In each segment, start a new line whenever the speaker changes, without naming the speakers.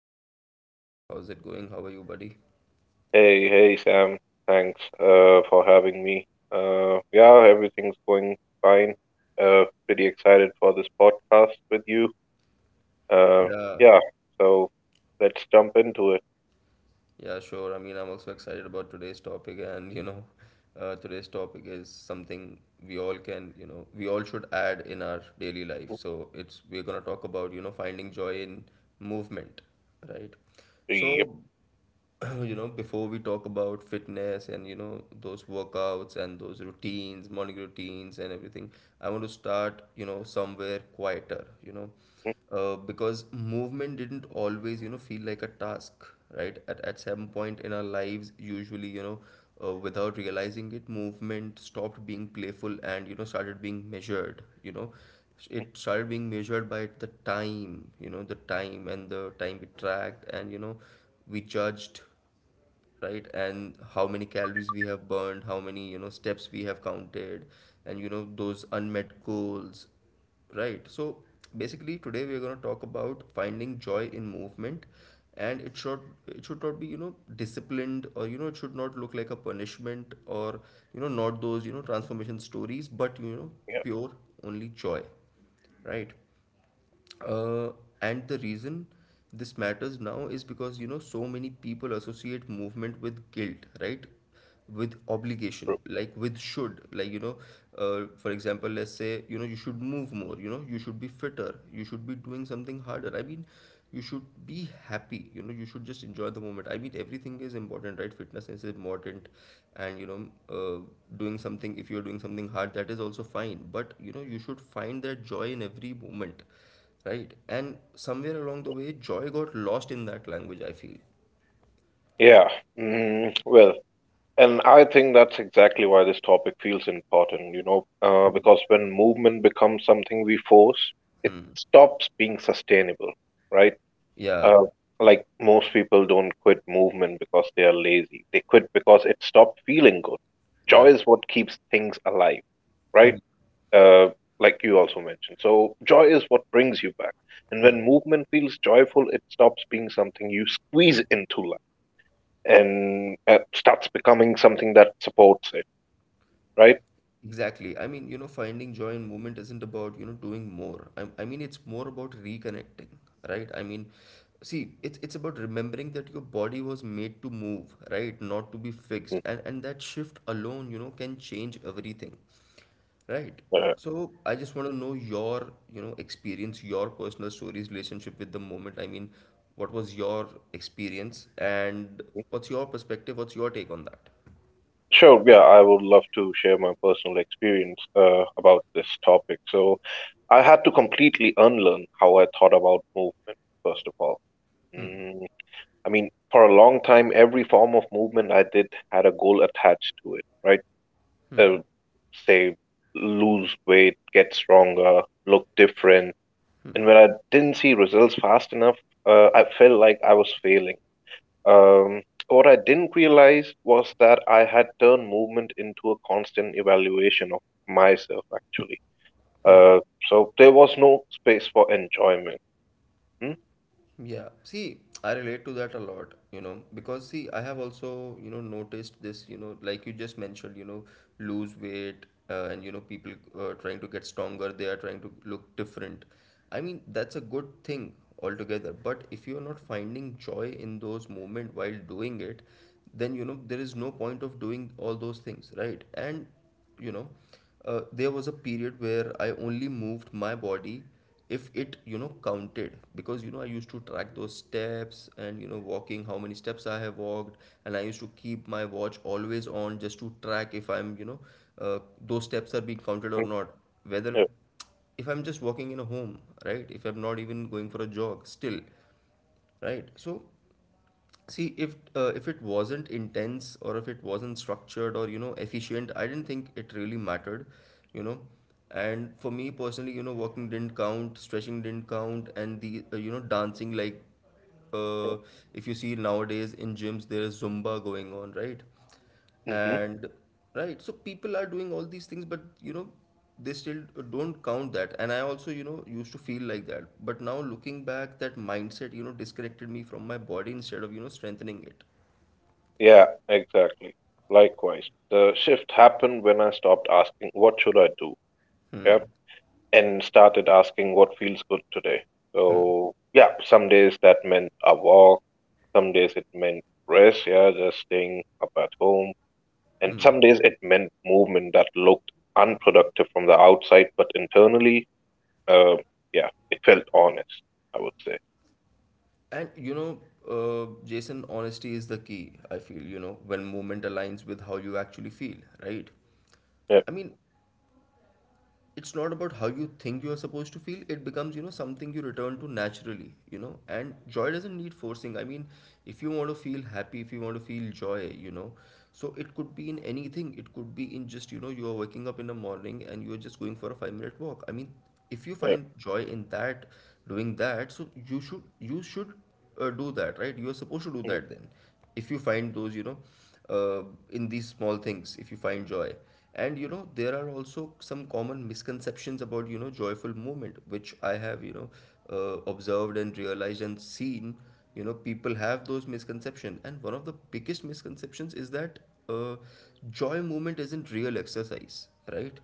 to another podcast. How's it going? How are you, buddy?
Hey, hey, Sam. Thanks for having me. Yeah, everything's going fine. Pretty excited for this podcast with you. Uh,
Yeah,
yeah, so let's jump into it.
yeah, Sure. I mean, I'm also excited about today's topic, and today's topic is something we all can, you know, we all should add in our daily life. So it's we're gonna talk about, you know, finding joy in movement, right?
Yep.
So you know, before we talk about fitness and you know those workouts and those routines, morning routines and everything, I want to start, you know, somewhere quieter, because movement didn't always, you know, feel like a task, right? At some point in our lives, usually, you know, without realizing it, movement stopped being playful and, you know, started being measured, you know. It started being measured by the time, you know, the time and the time it tracked, and, you know, we judged, right? And how many calories we have burned, how many, you know, steps we have counted, and, you know, those unmet goals, right? So basically today we're going to talk about finding joy in movement, and it should, it should not be, you know, disciplined, or, you know, it should not look like a punishment, or, you know, not those, you know, transformation stories, but, you know,
Yeah.
pure, only joy, right? uh, and the reason this matters now is because, you know, so many people associate movement with guilt, right? With obligation, like with should, like, for example, let's say, you know, you should move more, you know, you should be fitter, you should be doing something harder. I mean, you should be happy, you know, you should just enjoy the moment. I mean, everything is important, right? Fitness is important, and uh, doing something, if you're doing something hard, that is also fine, but, you know, you should find that joy in every moment, right? And somewhere along the way, joy got lost in that language, I feel.
Yeah. Well, and I think that's exactly why this topic feels important, you know, because when movement becomes something we force, it stops being sustainable, right? Uh,
Yeah,
like most people don't quit movement because they are lazy. They quit because it stopped feeling good.
yeah.
Joy is what keeps things alive,
Hmm,
right? Uh, like you also mentioned. So joy is what brings you back. And when
hmm.
movement feels joyful, it stops being something you squeeze into life and starts becoming something that supports it, right?
Exactly. I mean, you know, finding joy in movement isn't about, you know, doing more. I mean, it's more about reconnecting, right? I mean, see, it's about remembering that your body was made to move, right? Not to be fixed.
Mm,
And that shift alone, you know, can change everything. Right.
yeah.
So I just want to know your, you know, experience, your personal stories, relationship with the moment. I mean, what was your experience and what's your perspective? What's your take on that?
Sure, yeah, I would love to share my personal experience about this topic. So, I had to completely unlearn how I thought about movement, first of all. Mm, I mean, for a long time, every form of movement I did had a goal attached to it, right? Uh, Say, lose weight, get stronger, look different. And when I didn't see results fast enough, I felt like I was failing. What I didn't realize was that I had turned movement into a constant evaluation of myself, actually. Uh, so there was no space for enjoyment. Hmm.
Yeah, see, I relate to that a lot, you know, because see, I have also, you know, noticed this, you know, like you just mentioned, you know, lose weight, and you know, people trying to get stronger, they are trying to look different. I mean, that's a good thing altogether, but if you are not finding joy in those moments while doing it, then you know, there is no point of doing all those things, right? And you know there was a period where I only moved my body if it, you know, counted, because, you know, I used to track those steps and, you know, walking, how many steps I have walked, and I used to keep my watch always on just to track if I'm, uh, those steps are being counted or
Mm.
not, whether
Yeah.
if I'm just walking in a home, right? If I'm not even going for a jog, still, right? So see, if it wasn't intense, or if it wasn't structured or, you know, efficient, I didn't think it really mattered, you know. And for me personally, you know, walking didn't count, stretching didn't count, and the you know, dancing like, uh, if you see nowadays in gyms, there is Zumba going on, right?
Hmm.
And right, so people are doing all these things, but, you know, they still don't count that, and I also, you know, used to feel like that, but now looking back, that mindset, you know, disconnected me from my body instead of, you know, strengthening it.
Yeah, exactly. Likewise, the shift happened when I stopped asking, what should I do? Yeah,
Hmm.
and started asking, what feels good today? So, yeah, some days that meant a walk, some days it meant rest, yeah, just staying up at home. And some days it meant movement that looked unproductive from the outside, but internally, uh, yeah, it felt honest, I would say.
And Jason, honesty is the key, I feel, you know, when movement aligns with how you actually feel, right?
Yeah,
I mean, it's not about how you think you are supposed to feel. It becomes, you know, something you return to naturally, you know, and joy doesn't need forcing. I mean, if you want to feel happy, if you want to feel joy, you know, so it could be in anything. It could be in just, you know, you are waking up in the morning and you are just going for a 5-minute walk. I mean, if you
yeah,
find joy in that, doing that, so you should, you should do that, right? You are supposed to do
mm,
that then. If you find those, you know, uh, in these small things, if you find joy. And, you know, there are also some common misconceptions about, you know, joyful movement, which I have, observed and realized and seen. You know, people have those misconceptions. And one of the biggest misconceptions is that uh, joy movement isn't real exercise, right?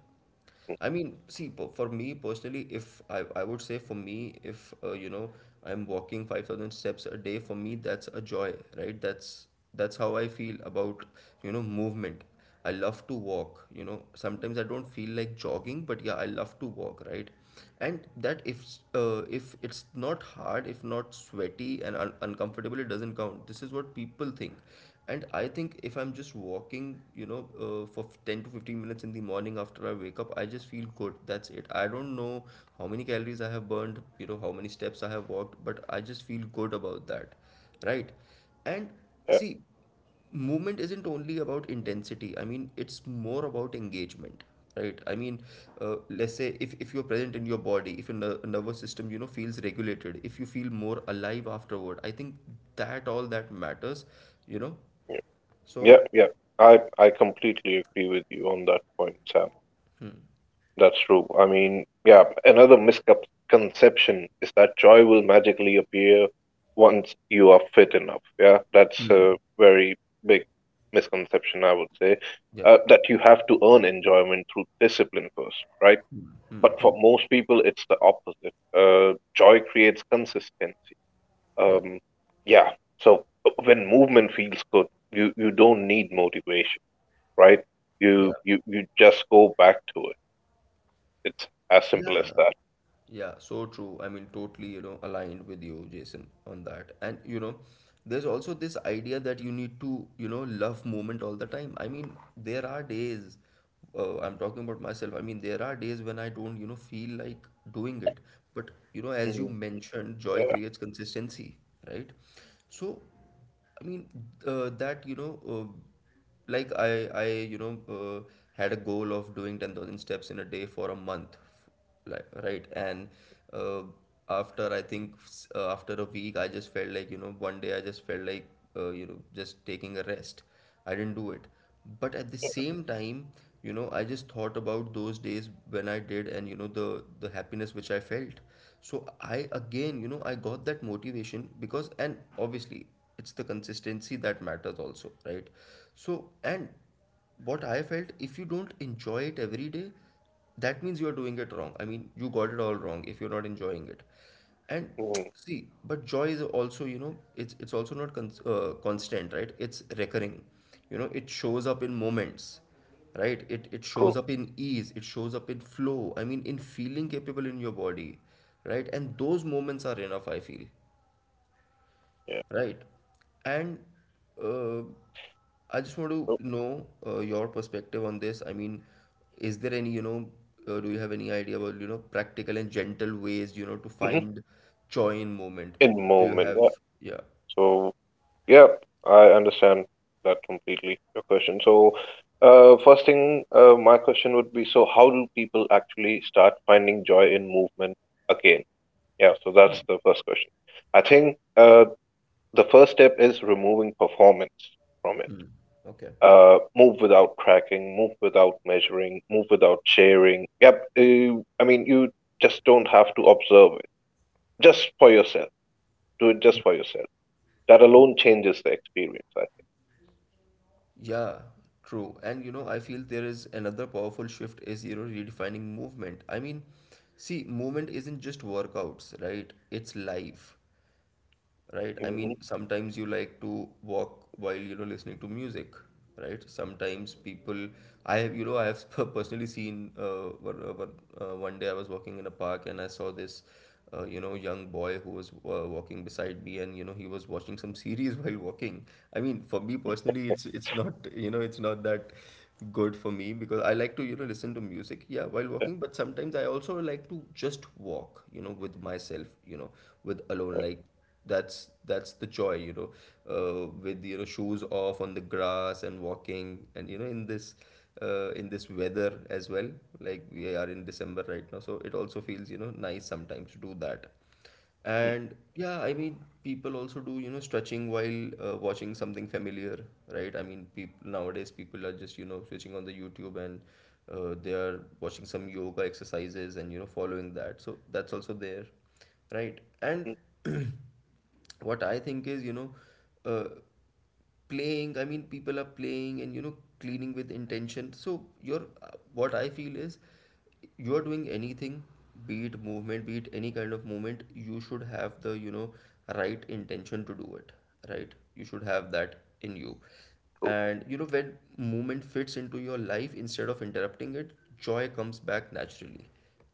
I mean, see, for me personally, if I would say for me, if you know, I'm walking 5,000 steps a day, for me, that's a joy, right? That's how I feel about, you know, movement. I love to walk, you know. Sometimes I don't feel like jogging, but yeah, I love to walk, right? And that if it's not hard, if not sweaty and uncomfortable, it doesn't count. This is what people think, and I think if I'm just walking, for 10 to 15 minutes in the morning after I wake up, I just feel good, that's it. I don't know how many calories I have burned, you know, how many steps I have walked, but I just feel good about that, right? And
yeah,
see, movement isn't only about intensity. I mean, it's more about engagement, right? I mean, let's say if you're present in your body, if your nervous system, you know, feels regulated, if you feel more alive afterward, I think that all that matters, you know.
yeah, yeah,
So,
yeah. I completely agree with you on that point, Sam. That's true. I mean, yeah, another misconception is that joy will magically appear once you are fit enough. Yeah, that's a very big misconception, I would say,
yeah,
that you have to earn enjoyment through discipline first, right? But for most people, it's the opposite. Joy creates consistency.
yeah,
Um, yeah. So when movement feels good, you don't need motivation, right? You
yeah,
you you just go back to it. It's as simple as
yeah,
that.
yeah, so true. I mean, totally, you know, aligned with you, Jason, on that. And, you know, there's also this idea that you need to, you know, love movement all the time. I mean, there are days, I'm talking about myself, I mean, there are days when I don't, you know, feel like doing it. But, you know, as you
Mhm.
mentioned, joy
Yeah.
creates consistency, right? So, I mean, that, you know, like I, you know, had a goal of doing 10,000 steps in a day for a month, right? And uh, after a week, I just felt like, you know, one day I just felt like, you know, just taking a rest. I didn't do it. But at the same time, you know, I just thought about those days when I did, and you know, the happiness which I felt. So I again, you know, I got that motivation, because, and obviously it's the consistency that matters also, right? So, and what I felt, if you don't enjoy it every day, that means you are doing it wrong. I mean, you got it all wrong if you're not enjoying it. And
Mhm.
see, but joy is also, you know, it's also not constant, right? It's recurring. You know, it shows up in moments, right? It shows
True.
up in ease. It shows up in flow. I mean, in feeling capable in your body, right? And those moments are enough. I feel.
Yeah.
Right. And uh, I just want to
So,
know your perspective on this. I mean, is there any, you know, do you have any idea about, you know, practical and gentle ways, you know, to
mhm.
find joy in moment?
In
Do you
moment.
have?
Yeah.
Yeah.
So yeah, I understand that completely, your question. So, first thing, my question would be, so how do people actually start finding joy in movement again? Yeah, so that's the first question. I think the first step is removing performance from it.
Okay.
Move without tracking, move without measuring, move without sharing. Yep, I mean, you just don't have to observe it. Just for yourself. Do it just for yourself. That alone changes the experience, I
Yeah, true. And you know, I feel there is another powerful shift is, you know, redefining movement. I mean, see, movement isn't just workouts, right? It's life. Right? I
think.
mean,
Mhm.
sometimes you like to walk while, you know, listening to music, right? Sometimes people, I have, you know, I have personally seen one day I was walking in a park and I saw this, you know, young boy who was walking beside me and, you know, he was watching some series while walking. I mean, for me personally, it's not, it's not that good for me because I like to, listen to music, yeah, while walking, but sometimes I also like to just walk, you know, with myself, you know, with alone, like that's the joy, with shoes off on the grass and walking and in this weather as well. Like we are in December right now, so it also feels nice sometimes to do that.
Mm.
And yeah, I mean, people also do stretching while watching something familiar, right? I mean, people are just switching on the YouTube and they are watching some yoga exercises and following that, so that's also there, right? And
Mm.
what I think is, uh, playing, I mean, people are playing and, cleaning with intention. So, your what I feel is you're doing anything, be it movement, be it any kind of movement, you should have the, right intention to do it, right? You should have that in you. And, you know, when movement fits into your life instead of interrupting it, joy comes back naturally.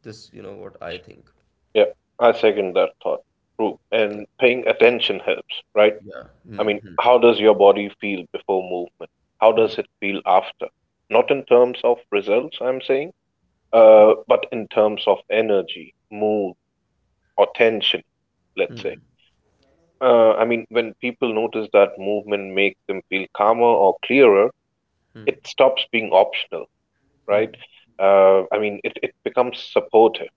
This, what I think.
Yeah, I second that thought. True.
Yeah.
And paying attention helps, right?
Yeah.
I
Hmm,
mean,
hmm,
how does your body feel before movement? How
hmm,
does it feel after? Not in terms of results, I'm saying,
hmm.
but in terms of energy, mood, or tension, let's say. I mean, when people notice that movement makes them feel calmer or clearer, it stops being optional, right? I mean, it becomes supportive.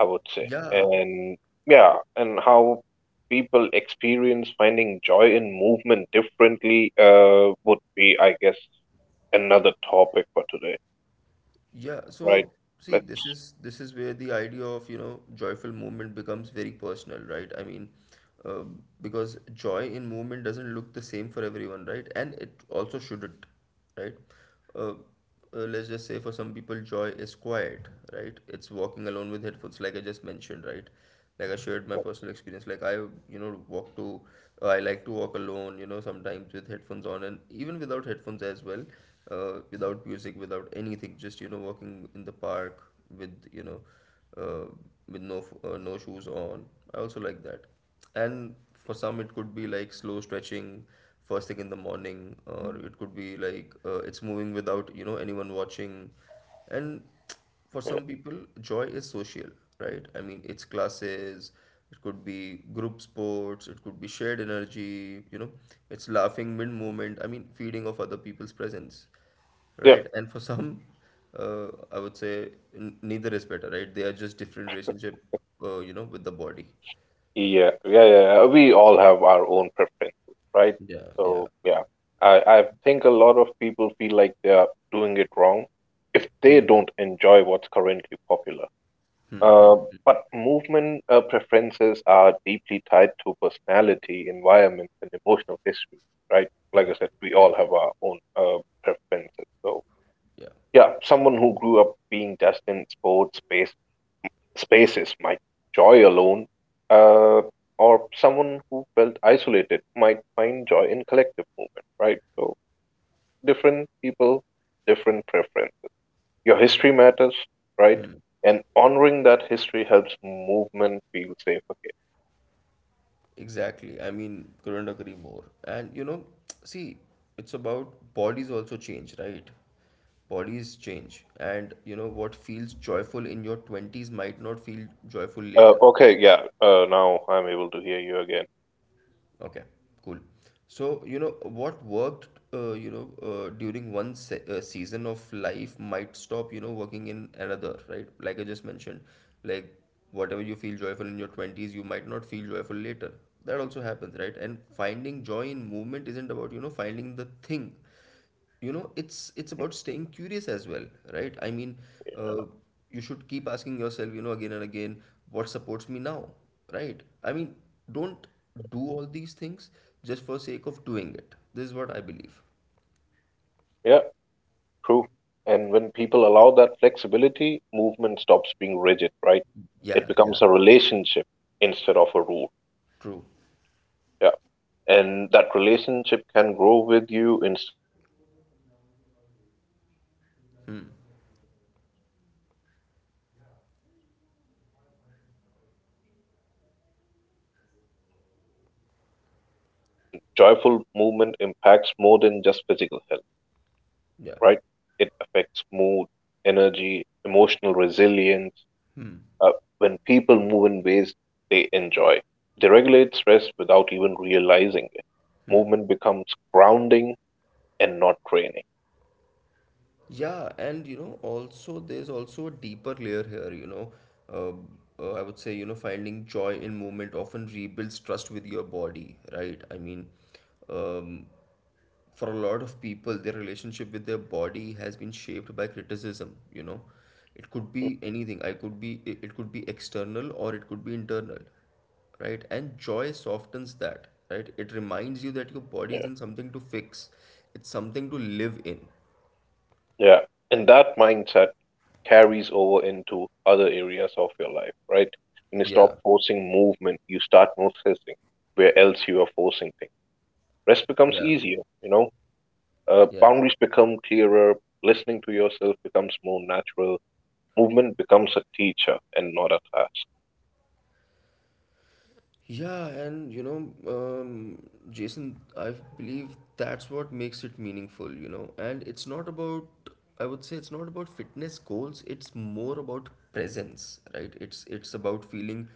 I would say.
Yeah.
And yeah, and how people experience finding joy in movement differently would be, I guess, another topic for today,
Yeah,
right?
so see,
Let's,
this is where the idea of, joyful movement becomes very personal, right? I mean, uh, because joy in movement doesn't look the same for everyone, right? And it also shouldn't, right? Uh, let's just say for some people, joy is quiet, right? It's walking alone with headphones, like I just mentioned, right? Like I shared my personal experience. Like I like to walk alone, sometimes with headphones on, and even without headphones as well, without music, without anything, just walking in the park with uh, with no shoes on. I also like that. And for some, it could be like slow stretching first thing in the morning, or it could be like it's moving without anyone watching, and for some people, joy is social, right? I mean, it's classes, it could be group sports, it could be shared energy, you know, it's laughing mid movement, I mean, feeding of other people's presence,
yeah,
right? And for some, I would say neither is better, right? They are just different relationship, with the body.
yeah, yeah, yeah. We all have our own preferences, right? So yeah, I think a lot of people feel like they are doing it wrong if they
Hmm.
don't enjoy what's currently popular. Uh, but movement preferences are deeply tied to personality, environment, and emotional history, right? Like I said, we all have our own preferences. So, yeah, someone who grew up being just in sports spaces might joy alone, uh, or someone who felt isolated might find joy in collective movement, right? So, different people, different preference, your history matters, right? And honoring that history helps movement feel safe
Exactly. I mean, couldn't agree more. And you know,
again.
see,
Yeah.
it's about bodies
Hey,
also
man,
change, right?
I'm not able to
Bodies
hear you.
change. And you
Hello?
know, what feels joyful
Hey,
in your
Sam?
20s might not feel joyful later.
Okay, yeah, now I'm able to hear you again.
Okay, cool. So, you know, what worked, you know, during one se season of life might stop, working in another, right? Like I just mentioned, like whatever you feel joyful in your 20s, you might not feel joyful later. That also happens, right? And finding joy in movement isn't about, finding the thing. It's about staying curious as well, right? I mean, uh, you should keep asking yourself, again and again, what supports me now, right? I mean, don't do all these things just for sake of doing it. This is what I believe.
Yeah, true. And when people allow that flexibility, movement stops being rigid, right? It
Yeah, yeah.
becomes a relationship instead of a rule.
True.
Yeah. And that relationship can grow with you instead of working against you. That's what I think. And yeah, and why finding joy in movement matters in everyday life is also a very good question. I mean, joyful movement impacts more than just physical health,
Yeah,
right? It affects mood, energy, emotional resilience. Uh, when people move in ways they enjoy, they regulate stress without even realizing it. Movement becomes grounding and not draining.
yeah. And you know, also there's also a deeper layer here, you know, uh, I would say, you know, finding joy in movement often rebuilds trust with your body, right? I mean, um, for a lot of people, their relationship with their body has been shaped by criticism, you know. It could
Hmm.
be anything. I could be it it could be external or it could be internal, right? And joy softens that, right? It reminds you that your body
Yeah.
isn't something to fix, it's something to live in.
Yeah, and that mindset carries over into other areas of your life, right? When you stop forcing movement, you start noticing where else you are forcing things. Rest becomes easier, you know. Boundaries become clearer. Listening to yourself becomes more natural. Movement becomes a teacher and not a task.
Yeah, and you know, Jason, I believe that's what makes it meaningful, you know. And it's not about, I would say, it's not about fitness goals. It's more about presence, right? It's about feeling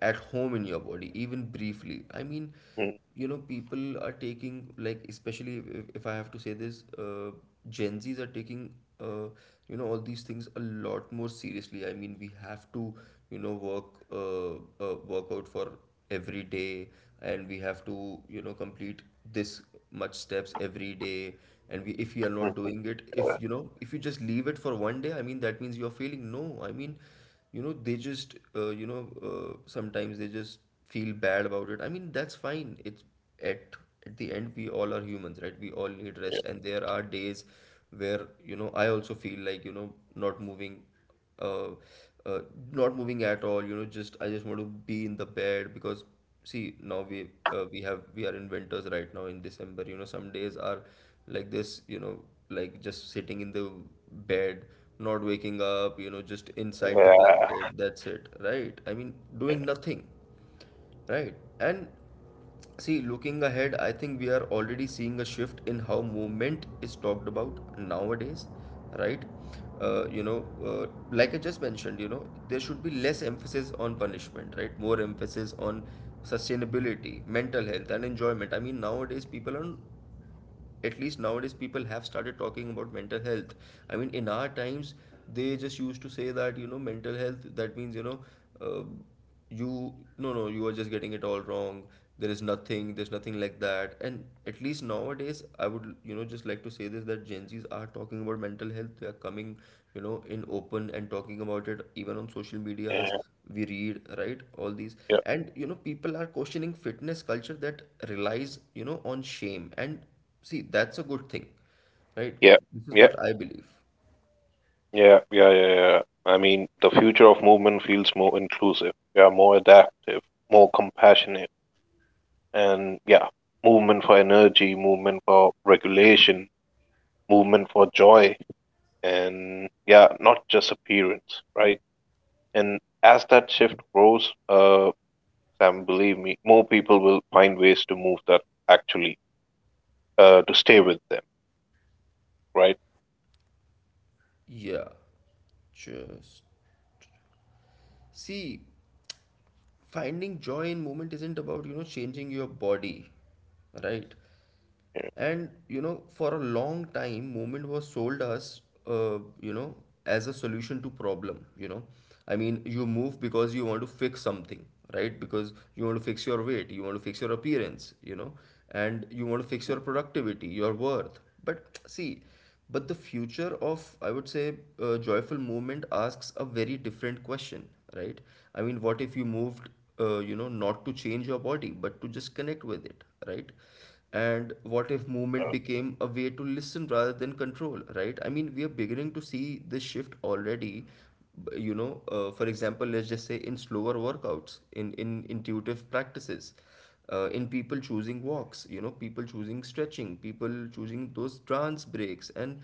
at home in your body, even briefly. I mean,
Mm,
you know, people are taking, like, especially if I have to say this, Gen Z's are taking uh, you know, all these things a lot more seriously. I mean, we have to, you know, work, work out for every day, and we have to, you know, complete this much steps every day, and we if we are not
mm.
doing it, if you know, if you just leave it for one day, I mean, that means you're failing. No, I mean, you know, they just, sometimes they just feel bad about it. I mean, that's fine. It's at at the end, we all are humans, right? We all need
Yeah, yeah,
rest, and there are days where, you know, I also feel like, you know, not moving, uh, uh, not moving at all, you know. Just I just want to be in the bed because, see, now we are in winters right now in December. You know, some days are like this, you know, like just sitting in the bed, not waking up, you know, just inside the
yeah,
blanket. That's it, right? I mean,
yeah, yeah,
doing
yeah,
nothing. Right. And see, looking ahead, I think we are already seeing a shift in how movement is talked about nowadays, right? Like I just mentioned, you know, there should be less emphasis on punishment, right? More emphasis on sustainability, mental health, and enjoyment. I mean, nowadays people are, at least nowadays people have started talking about mental health. I mean, in our times, they just used to say that, you know, mental health, that means, you know, uh, you no, no, you are just getting it all wrong. There's nothing like that. And at least nowadays, I would, you know, just like to say this, that Gen Z's are talking about mental health. They are coming, you know, in open and talking about it, even on social medias we read, right, all these. And you know, people are questioning fitness culture that relies, you know, on shame. And see, that's a good thing, right? This is what I believe.
yeah, yeah, yeah, yeah. I mean, the future of movement feels more inclusive. Yeah, more adaptive, more compassionate. And yeah, movement for energy, movement for regulation, movement for joy, and yeah, not just appearance, right? And as that shift grows, Sam, believe me, more people will find ways to move that actually to stay with them, right?
Yeah. Just see, finding joy in movement isn't about, changing your body, right?
Yeah.
And, you know, for a long time, movement was sold us, uh, you know, as a solution to problem, you know. I mean, you move because you want to fix something, right? Because you want to fix your weight, you want to fix your appearance, you know, and you want to fix your productivity, your worth. But see, But the future of, I would say, joyful movement asks a very different question, right? I mean, what if you moved, you know, not to change your body, but to just connect with it, right? And what if movement became a way to listen rather than control, right? I mean, we are beginning to see this shift already. You know, for example, let's just say in slower workouts, in intuitive practices, in people choosing walks, you know, people choosing stretching, people choosing those trance breaks, and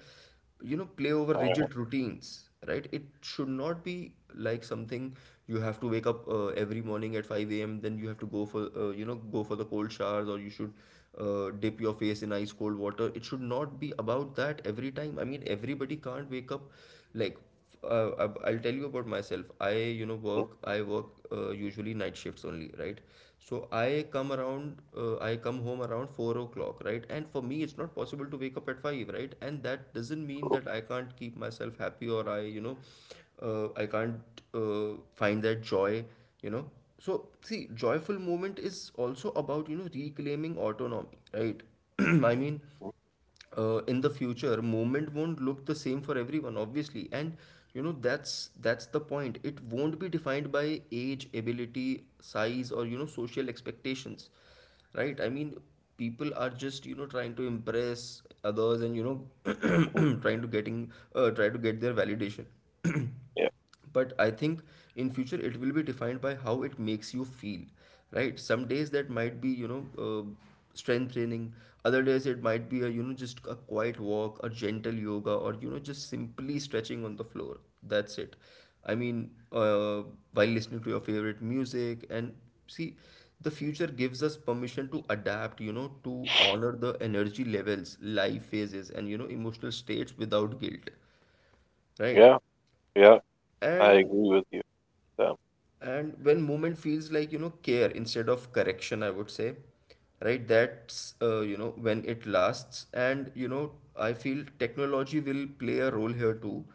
you know, play over
Uh,
rigid routines, right? It should not be like something you have to wake up, every morning at 5 a.m., then you have to go for, go for the cold showers, or you should dip your face in ice cold water. It should not be about that every time. I mean, everybody can't wake up like, I'll tell you about myself. I, you know,
mhm,
work. I work usually night shifts only, right? So I come around. I come home around 4 o'clock, right? And for me, it's not possible to wake up at 5, right? And that doesn't mean that I can't keep myself happy, or I, you know, I can't find that joy, you know. So see, joyful movement is also about, you know, reclaiming autonomy, right? I mean, in the future, movement won't look the same for everyone obviously, and you know, that's the point. It won't be defined by age, ability, size, or you know, social expectations, right? I mean, people are just, you know, trying to impress others, and you know
mhm,
trying to getting try to get their validation.
yeah,
But I think in future it will be defined by how it makes you feel, right? Some days that might be, strength training, other days it might be a, you know, just a quiet walk, a gentle yoga, or you know, just simply stretching on the floor. That's it. I mean, while listening to your favorite music. And see, the future gives us permission to adapt, you know, to honor the energy levels, life phases, and you know, emotional states without guilt, right?
yeah, yeah, I
and
agree with you, Sam.
And when movement feels like, you know, care instead of correction, I would say, right? That's, you know, when it lasts. And, you know, I feel technology will play a role here too,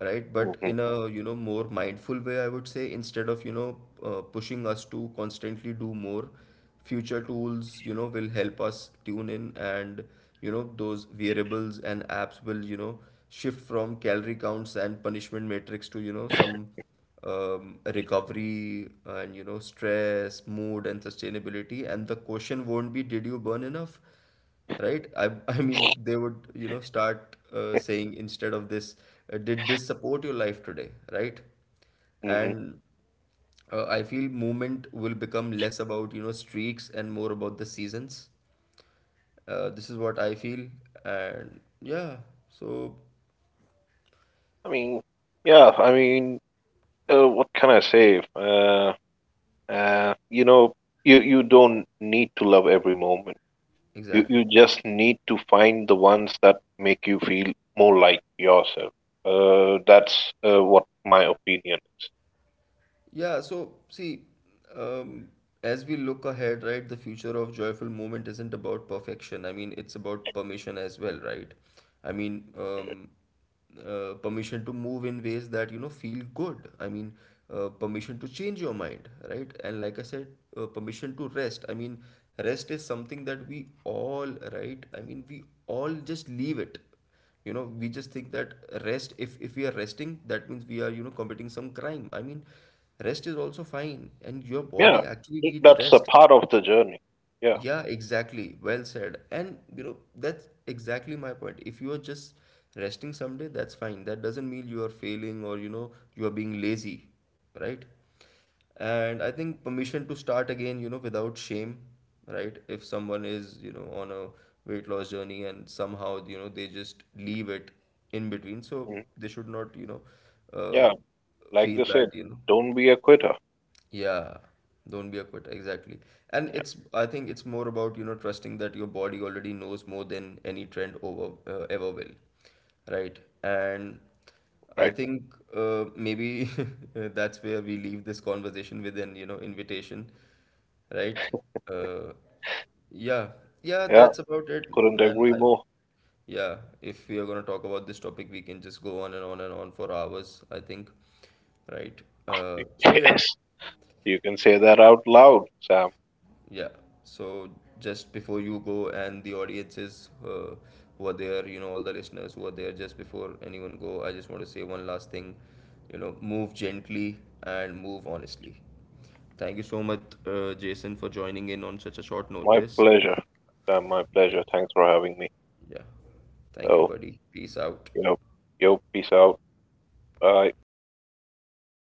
right? But
Hmm,
in a, you know, more mindful way, I would say, instead of, pushing us to constantly do more, future tools, you know, will help us tune in, and, you know, those variables and apps will, you know, shift from calorie counts and punishment matrix to, you know, some recovery and you know, stress, mood, and sustainability. And the question won't be, did you burn enough, right? I, I mean, they would, you know, start saying instead of this, did this support your life today, right?
hmm.
And I feel movement will become less about, you know, streaks and more about the seasons. This is what I feel. And yeah. So
I mean, yeah, I mean, what can I say, you know, you don't need to love every moment. You
exactly.
you just need to find the ones that make you feel more like yourself. That's what my opinion is.
Yeah, so see, um, as we look ahead, right, the future of joyful movement isn't about perfection. I mean, it's about permission as well, right? I mean, permission to move in ways that, you know, feel good. I mean, permission to change your mind, right? And like I said, permission to rest. I mean, rest is something that we all, right? I mean, we all just leave it. You know, we just think that rest, if we are resting, that means we are, you know, committing some crime. I mean, rest is also fine, and your
Yeah,
body actually
it-
needs
that's a
rest.
part of the journey. Yeah,
Yeah, exactly. Well said. And you know, that's exactly my point. If you are just resting someday, that's fine. That doesn't mean you are failing or, you know, you are being lazy, right? And I think permission to start again, you know, without shame, right? If someone is, you know, on a weight loss journey and somehow, you know, they just leave it in between, so
mhm,
they should not, uh,
yeah. Like
feel
they said,
that, you know.
don't be a quitter.
Yeah, don't be a quitter, exactly. And
Yeah,
it's, I think it's more about, you know, trusting that your body already knows more than any trend over ever will, right? And I
right.
think maybe that's where we leave this conversation with an, you know, invitation, right? Uh, yeah, yeah,
Yeah,
that's about it,
couldn't
man.
agree
I,
more.
yeah, if we are going to talk about this topic, we can just go on and on and on for hours, I think, right? So yeah.
Yes, you can say that out loud, Sam.
Yeah. So just before you go, and the audiences who are there, you know, all the listeners who are there, just before anyone go, I just want to say one last thing. You know, move gently and move honestly. Thank you so much, Jason, for joining in on such a short
My
notice.
pleasure. Sam, my pleasure. Thanks for having me.
Yeah. Thank you,
So,
buddy. Peace out.
you know, yo, peace out. Bye.